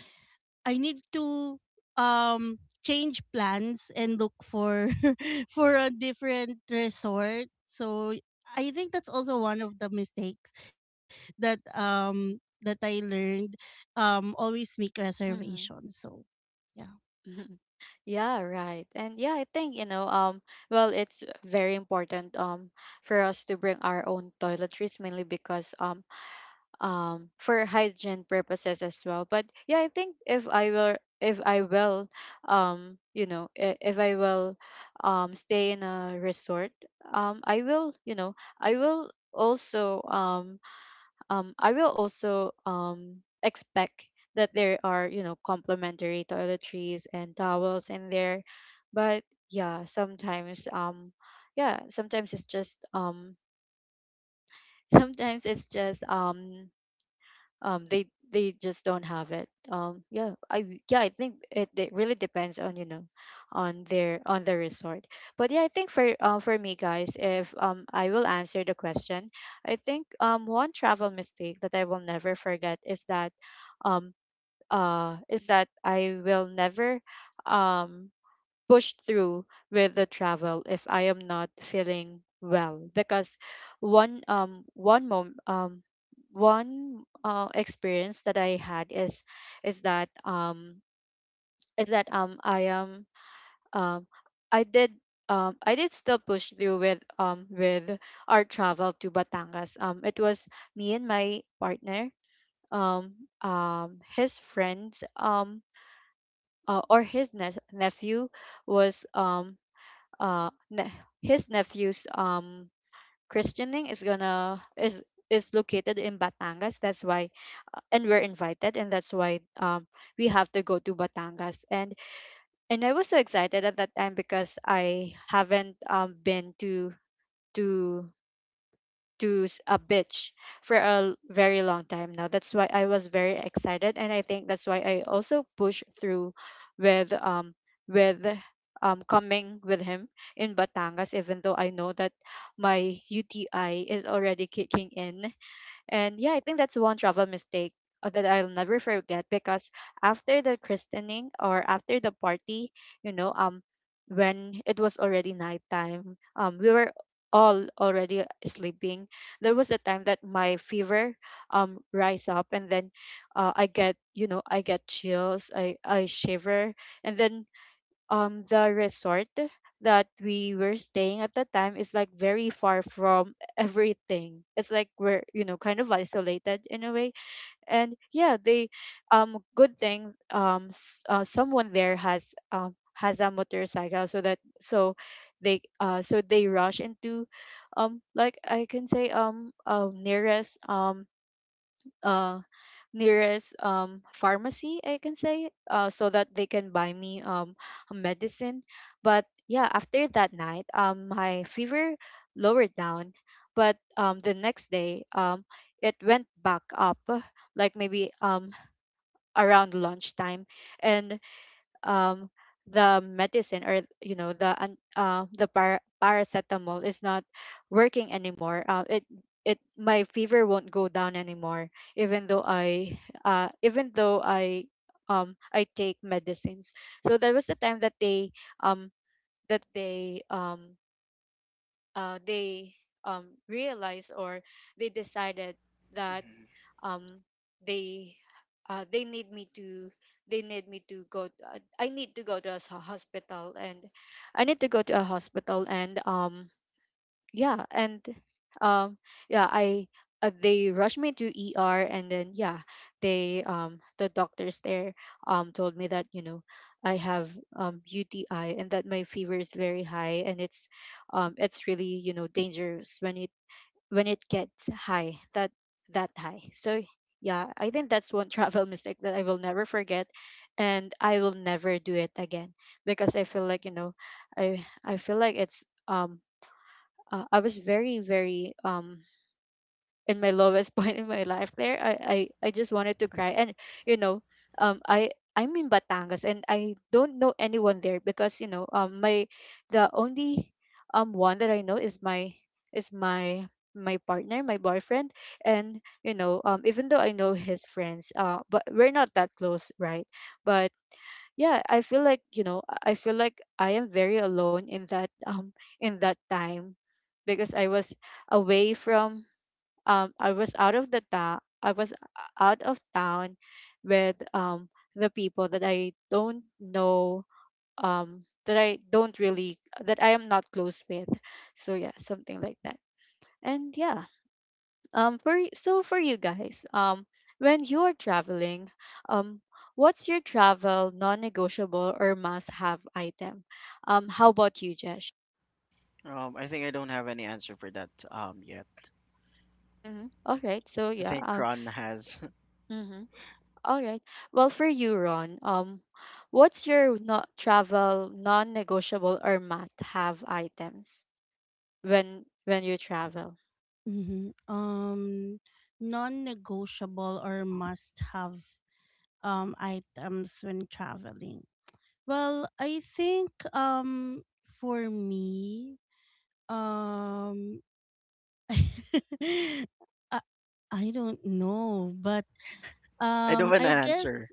I need to um change plans and look for for a different resort. So I think that's also one of the mistakes that um that I learned. Um always make Mm-hmm. reservations. So yeah. Yeah, right. And yeah, I think, you know, um, well, it's very important um for us to bring our own toiletries, mainly because um um for hygiene purposes as well. But yeah, I think if I will if I will um you know, i- if I will um stay in a resort, um I will, you know, I will also um um, I will also um, expect that there are, you know, complementary toiletries and towels in there. But yeah, sometimes, um, yeah, sometimes it's just, um, sometimes it's just, um, um they they just don't have it, um. Yeah, I yeah, I think it, it really depends on, you know, on their on the resort. But yeah, I think for uh, for me, guys, if um I will answer the question, I think um one travel mistake that I will never forget is that um uh is that I will never um push through with the travel if I am not feeling well. Because one um one mom um one uh, experience that I had is is that um is that um I am um I did um I did still push through with um with our travel to Batangas. Um it was me and my partner, um um his friends um uh, or his ne- nephew was um uh ne- his nephew's um christening is gonna is is located in Batangas. That's why, uh, and we're invited, and that's why um we have to go to Batangas. And and I was so excited at that time because I haven't um been to to to s- a bitch for a l- very long time now. That's why I was very excited, and I think that's why I also pushed through with um with um coming with him in Batangas, even though I know that my U T I is already kicking in. And yeah, I think that's one travel mistake uh, that I'll never forget, because after the christening or after the party, you know, um, when it was already nighttime, um, we were all already sleeping. There was a time that my fever um rise up, and then uh, I get, you know, I get chills, I I shiver, and then um the resort that we were staying at the time is, like, very far from everything. It's like we're, you know, kind of isolated in a way. And yeah, they um good thing, um, s- uh, someone there has um has a motorcycle. So that, so they, uh so they rush into um like, I can say, um uh, nearest um uh nearest um pharmacy, I can say, uh so that they can buy me um a medicine. But yeah, after that night, um my fever lowered down. But um the next day, um it went back up, uh, like maybe um around lunchtime. And um the medicine, or you know, the an- uh, the par- paracetamol is not working anymore. uh, it it, my fever won't go down anymore, even though i uh even though I um I take medicines. So there was a time that they um that they um uh they um realized, or they decided that um they uh, they need me to, they need me to go, uh, i need to go to a s- hospital. And I need to go to a hospital, and um yeah. And um yeah, I uh, they rushed me to ER, and then yeah, they, um the doctors there um told me that you know I have um UTI, and that my fever is very high, and it's um it's really, you know, dangerous when you, when it gets high, that that high. So yeah, I think that's one travel mistake that I will never forget, and I will never do it again, because I feel like you know, i i feel like it's um uh, I was very very um in my lowest point in my life there. I, I i just wanted to cry, and you know, um i I'm in Batangas, and I don't know anyone there, because you know, um my, the only um one that I know is my is my my partner, my boyfriend. And you know, um even though I know his friends, uh but we're not that close, right? But yeah, I feel like you know, I feel like I am very alone in that um in that time, because I was away from um, I was out of the town. I was out of town with um, the people that I don't know, um, that I don't really, that I am not close with. So yeah, something like that. And yeah, um, for y- so for you guys, um, when you are traveling, um, what's your travel non-negotiable or must-have item? Um, how about you, Jesh? Um, I think I don't have any answer for that um yet. Mm-hmm. All right. So I yeah. think Um. Ron has. Mhm. All right. Well, for you, Ron, um, what's your not travel non-negotiable or must-have items when when you travel? hmm Um Non negotiable or must have um items when traveling. Well, I think um for me, um I, I don't know, but I don't um, have an I guess answer.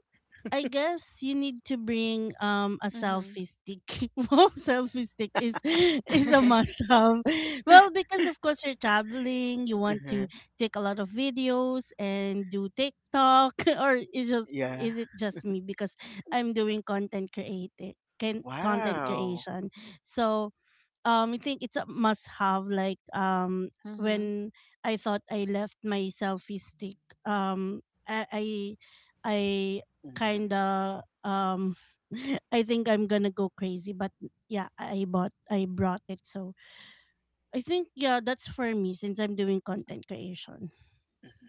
I guess you need to bring um a Mm-hmm. selfie stick. Wow, selfie stick is is a must have. Well, because of course you're traveling, you want to take a lot of videos and do TikTok, or is just, Yeah. is it just me, because I'm doing content creating, can content Wow. creation, so um I think it's a must have. Like, um Mm-hmm. when I thought I left my selfie stick, um I I, I Mhm, kind of um I think I'm going to go crazy, but yeah, I bought I brought it. So I think yeah, that's for me, since I'm doing content creation.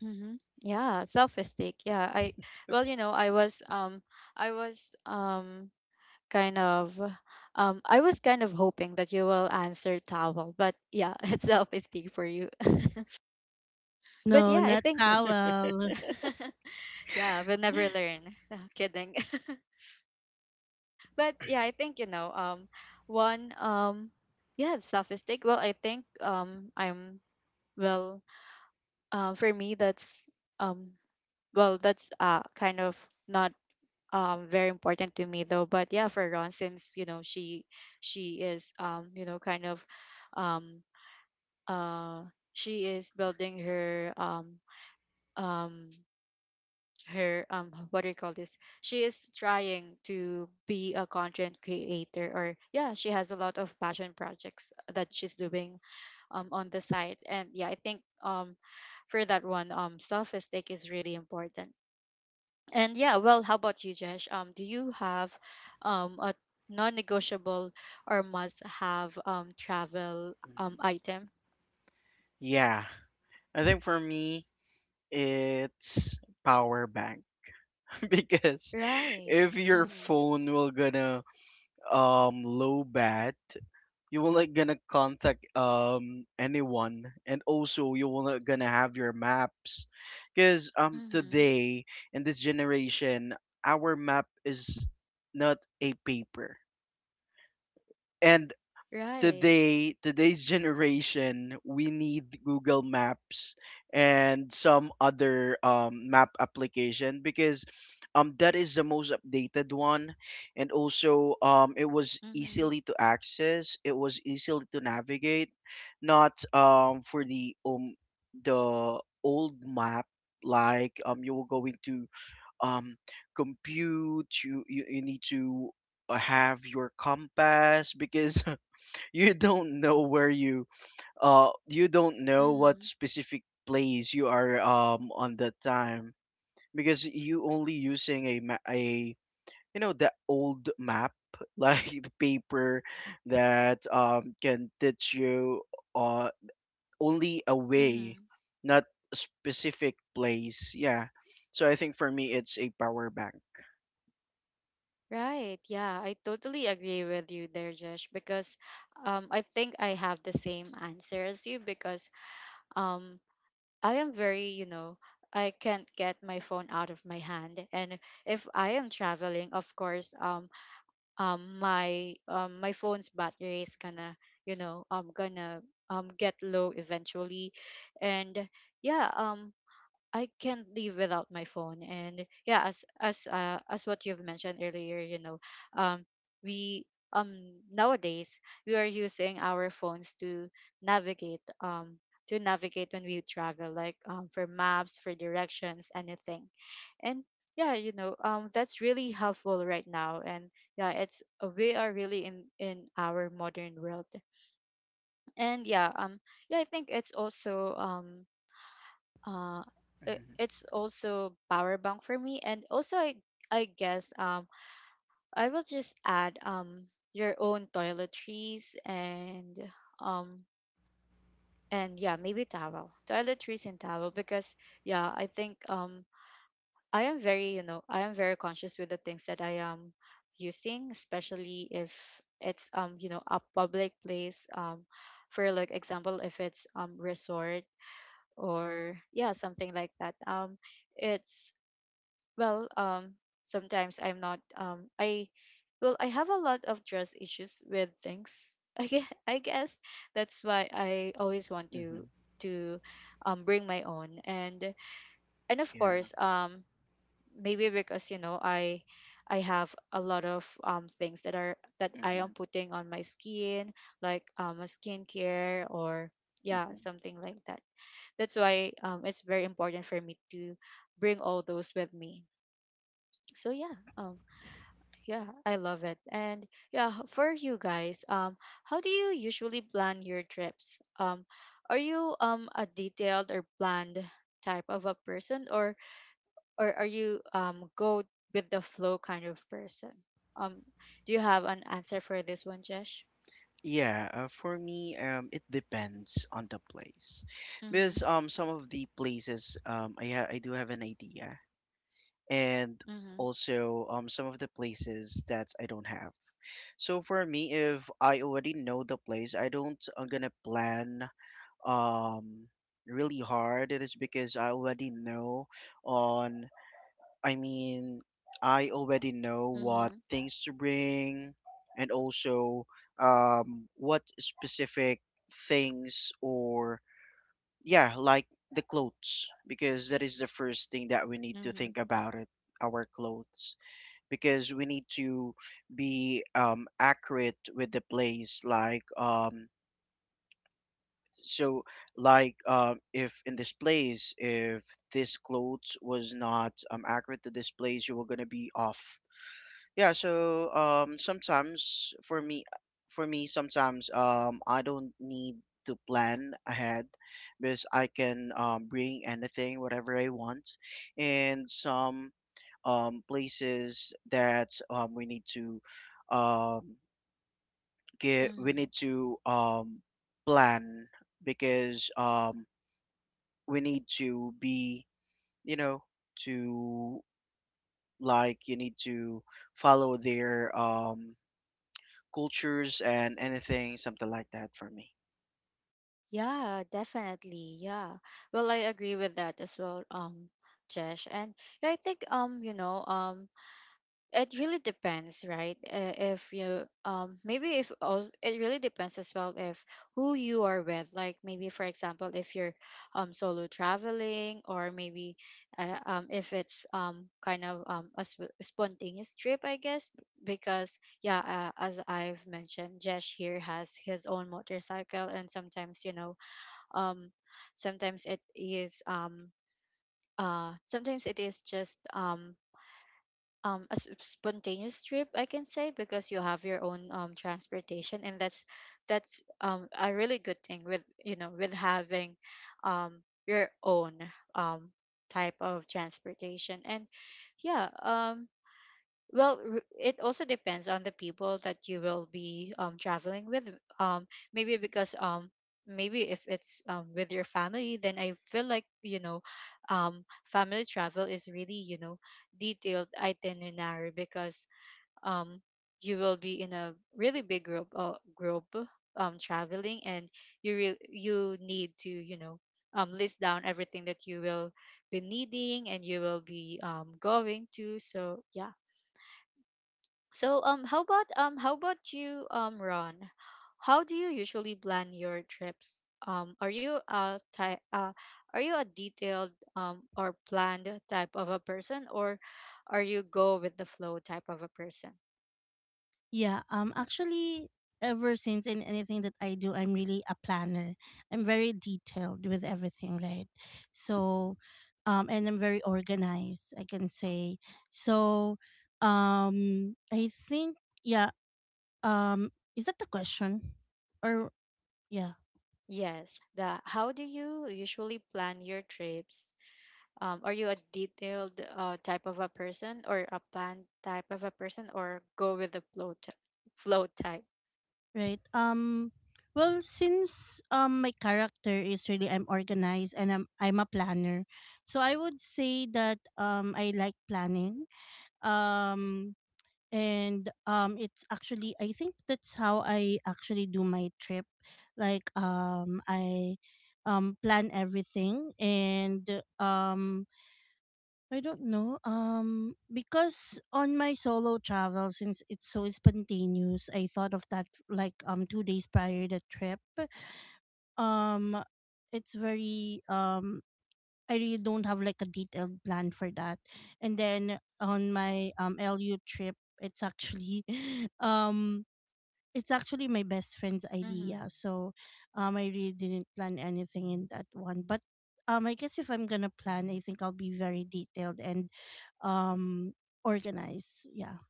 Mm-hmm. Yeah, self-esteem. Yeah, I well, you know, I was um I was um kind of um I was kind of hoping that you will answer towel, but yeah, it's self-esteem for you. But No, yeah, I not think towel. yeah, we'll never learn. Kidding. But yeah, I think, you know, um, one, um, yeah, it's self-esteem. Well, I think, um, I'm well. Um, for me, that's, um, well, that's, uh, kind of not, um very important to me though. But yeah, for Ron, since you know she she is, um you know, kind of, um uh she is building her, um um her, um what do you call this, she is trying to be a content creator, or yeah, she has a lot of passion projects that she's doing um on the side. And yeah, I think, um for that one, um self stake is really important. And yeah, well, how about you, Jesh? Um do you have, um a non-negotiable or must have um travel, um mhm. item? Yeah. I think for me, it's power bank because Right. if your Mm-hmm. phone will gonna um low bat, you will not gonna contact um anyone, and also you will not gonna have your maps, because um Mm-hmm. today in this generation, our map is not a paper. And Right. today, today's generation we need Google Maps and some other um, map application, because um, that is the most updated one, and also um, it was Mm-hmm. easily to access, it was easily to navigate. Not um, for the um, the old map, like um, you were going to um, compute you, you, you need to uh, have your compass, because you don't know where you, uh you don't know what Mm-hmm. specific place you are um on that time, because you only using a ma- a you know, the old map like the paper that um can teach you uh only a way, Mm-hmm. not a specific place. Yeah, so I think for me it's a power bank. Right. Yeah, I totally agree with you there, Josh, because, um, I think I have the same answer as you, because, um, I am very, you know, I can't get my phone out of my hand, and if I am traveling, of course, um, um, my um, my phone's battery is gonna, you know, um, gonna um get low eventually, and yeah, um, I can't live without my phone. And yeah, as as uh, as what you've mentioned earlier, you know, um, we, um nowadays, we are using our phones to navigate um to navigate when we travel, like um for maps, for directions, anything. And yeah, you know, um that's really helpful right now. And yeah, it's uh, we are really in in our modern world. And yeah, um yeah, I think it's also um uh it, Hmm. it's also power bank for me, and also i i guess, um I will just add, um your own toiletries, and um and yeah, maybe towel, toiletries, and towel, because yeah, I think, um i am very you know i am very conscious with the things that I am using, especially if it's, um you know a public place, um for like example, if it's, um resort, or yeah, something like that, um it's. Well, um, sometimes I'm not. Um, I Well, I have a lot of trust issues with things. I guess, I guess that's why I always want Hmm. to, to um bring my own, and, and of Yeah. course, um maybe because you know I I have a lot of, um things that are that I am Hmm. putting on my skin, like um a skincare, or yeah, something like that. That's why, um it's very important for me to bring all those with me. So yeah, um yeah, I love it. And yeah, h- for you guys, um, how do you usually plan your trips? Um, are you, um a detailed or planned type of a person, or, or are you, um go with the flow kind of person? Um, do you have an answer for this one, Jesh? Yeah, uh, for me, um, it depends on the place, because Mm-hmm. um, some of the places um, I ha I do have an idea, and Mm-hmm. also um, some of the places that I don't have. So for me, if I already know the place, I don't, I'm gonna plan um really hard. It is because I already know on, I mean, I already know what Mm-hmm. things to bring, and also um, what specific things, or yeah, like the clothes, because that is the first thing that we need to Mm-hmm. think about it, our clothes, because we need to be um, accurate with the place, like um, so like um, if in this place, if this clothes was not um, accurate to this place, you were going to be off. Yeah, so um sometimes for me, for me sometimes um I don't need to plan ahead, because I can um bring anything whatever I want. And some um places that um we need to um get we need Mm-hmm. to um plan, because um we need to be, you know, to, like you need to follow their um cultures and anything, something like that, for me. Yeah, definitely. Yeah. Well, I agree with that as well, um, Jesh. And yeah, I think, um, you know, um it really depends, right? Uh, if you, um maybe if also, it really depends as well, if who you are with, like maybe for example, if you're um solo traveling, or maybe, uh, um if it's um kind of, um a sp- spontaneous trip, I guess. Because yeah, uh, as I've mentioned, Jesh here has his own motorcycle, and sometimes you know um sometimes it is um uh sometimes it is just, um um a s- spontaneous trip, I can say, because you have your own, um transportation, and that's that's um a really good thing with, you know, with having, um your own, um type of transportation, and yeah, um well, r- it also depends on the people that you will be, um, traveling with. Um, Maybe because, um, maybe if it's, um, with your family, then I feel like, you know, um, family travel is really, you know, detailed itinerary, because, um, you will be in a really big group uh, group, um, traveling, and you re- you need to, you know, um, list down everything that you will be needing, and you will be, um, going to. So yeah, so, um how about um how about you, um Ron? How do you usually plan your trips? Um are you a ty- uh are you a detailed, um or planned type of a person, or are you go with the flow type of a person? Yeah, um actually, ever since, in anything that I do, I'm really a planner. I'm very detailed with everything, right? So um and I'm very organized, I can say. So um I think yeah, um is that the question? Or yeah, Yes, the how do you usually plan your trips? Um are you a detailed, uh type of a person, or a planned type of a person, or go with the flow, t- flow type? right. Um well, since um my character is really, I'm organized and I'm I'm a planner. So I would say that um I like planning. Um and um it's actually, I think, that's how I actually do my trip. Like, um I um plan everything, and um I don't know um because on my solo travel, since it's so spontaneous, I thought of that like um two days prior the trip. Um it's very um I really don't have like a detailed plan for that. And then on my um L U trip, it's actually um it's actually my best friend's idea. Mhm. So um I really didn't plan anything in that one. But um I guess if I'm gonna plan, I think I'll be very detailed and um organized. Yeah.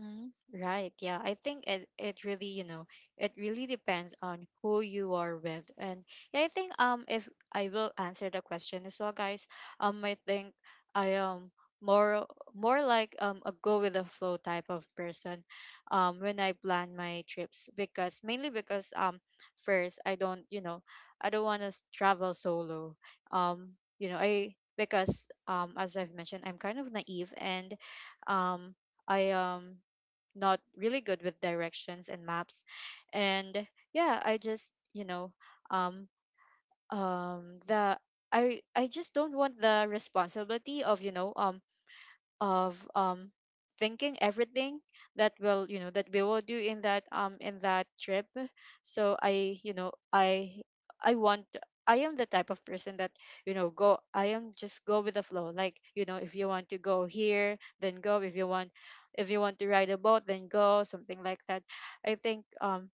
Mm, right. Yeah. I think it, it really, you know, it really depends on who you are with. And yeah, I think, um if I will answer the question as well, guys, um I think I am more more like, um a go with the flow type of person, um when I plan my trips, because mainly because, um first I don't, you know, I don't want to travel solo. Um, you know, I because, um as I've mentioned, I'm kind of naive, and, um I um not really good with directions and maps, and yeah, I just, you know, um um the i i just don't want the responsibility of, you know, um of, um thinking everything that will you know that we will do in that, um in that trip. So I, you know, i i want, I am the type of person that, you know, go I am just go with the flow, like, you know, if you want to go here then go, if you want if you want to ride a boat then go, something like that. I think, um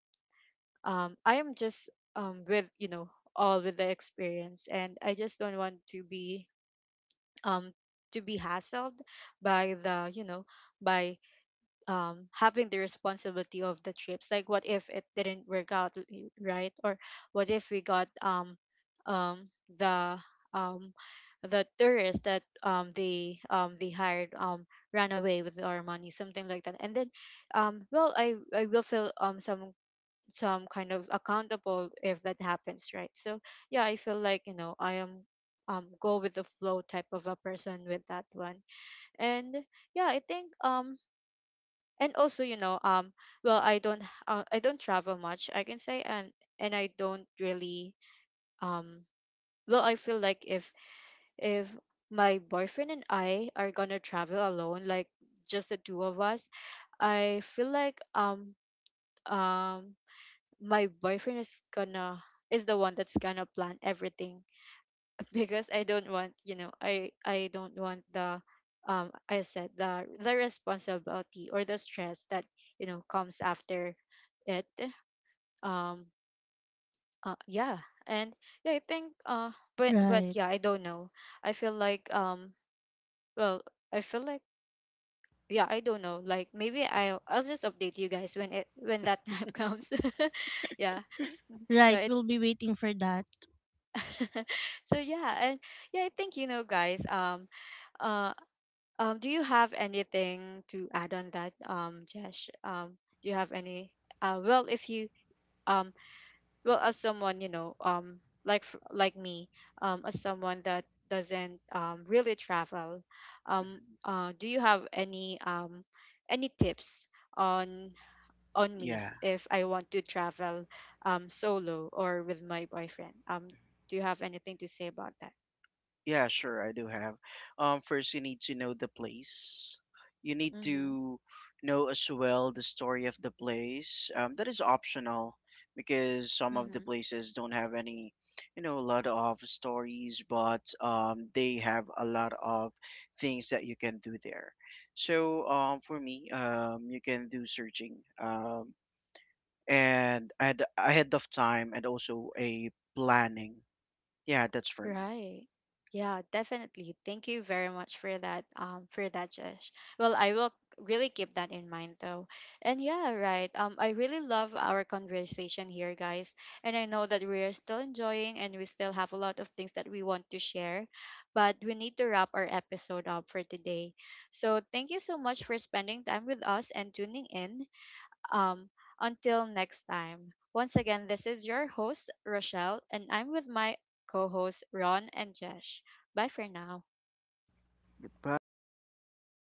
um I am just, um with, you know, all with the experience, and I just don't want to be, um to be hassled by the, you know, by, um having the responsibility of the trips, like what if it didn't work out, l- y- right, or what if we got, um um the um the tourists that, um they um they hired, um ran away with our money, something like that. And then, um well, i i will feel, um some some kind of accountable if that happens, right? So yeah, I feel like, you know, I am, um go with the flow type of a person with that one. And yeah, I think, um and also, you know, um well, i don't h- uh, I don't travel much, I can say. and and I don't really, um well, I feel like, if if my boyfriend and I are gonna travel alone, like just the two of us. I feel like, um um my boyfriend is gonna is the one that's gonna plan everything. Because I don't want, you know, I I don't want the, um I said the, the responsibility, or the stress that, you know, comes after it. um uh, yeah. And yeah, I think, uh but but Right. yeah, I don't know. I feel like, um well, I feel like, yeah, I don't know, like maybe I'll I'll just update you guys, when it when that time comes, yeah. Yeah, Right. We'll it's, be waiting for that. so yeah, and yeah, I think, you know, guys, um uh um do you have anything to add on that, um Jesh? Um do you have any, uh well, if you, um well, Mhm, as someone, you know, um like f- like me, um as someone that doesn't, um really travel, um mhm. uh do you have any, um any tips on on me, Yeah. if, if I want to travel, um solo or with my boyfriend, um do you have anything to say about that? Yeah, sure, I do have. Um, first you need to know the place. You need Mm-hmm. to know as well the story of the place. Um, that is optional, because some of the Mm-hmm. places don't have any, you know, a lot of stories, but um, they have a lot of things that you can do there. So, um, for me, um, you can do searching. Um, and I had ahead of time, and also a planning. Yeah, that's for me. Right. Yeah, definitely. Thank you very much for that, um, for that, Josh. Well, I will really keep that in mind though. And yeah, right. Um, I really love our conversation here, guys. And I know that we are still enjoying and we still have a lot of things that we want to share, but we need to wrap our episode up for today. So thank you so much for spending time with us and tuning in. Um, until next time. Once again, this is your host, Rochelle, and I'm with my co hosts, Ron and Jesh. Bye for now. Bye.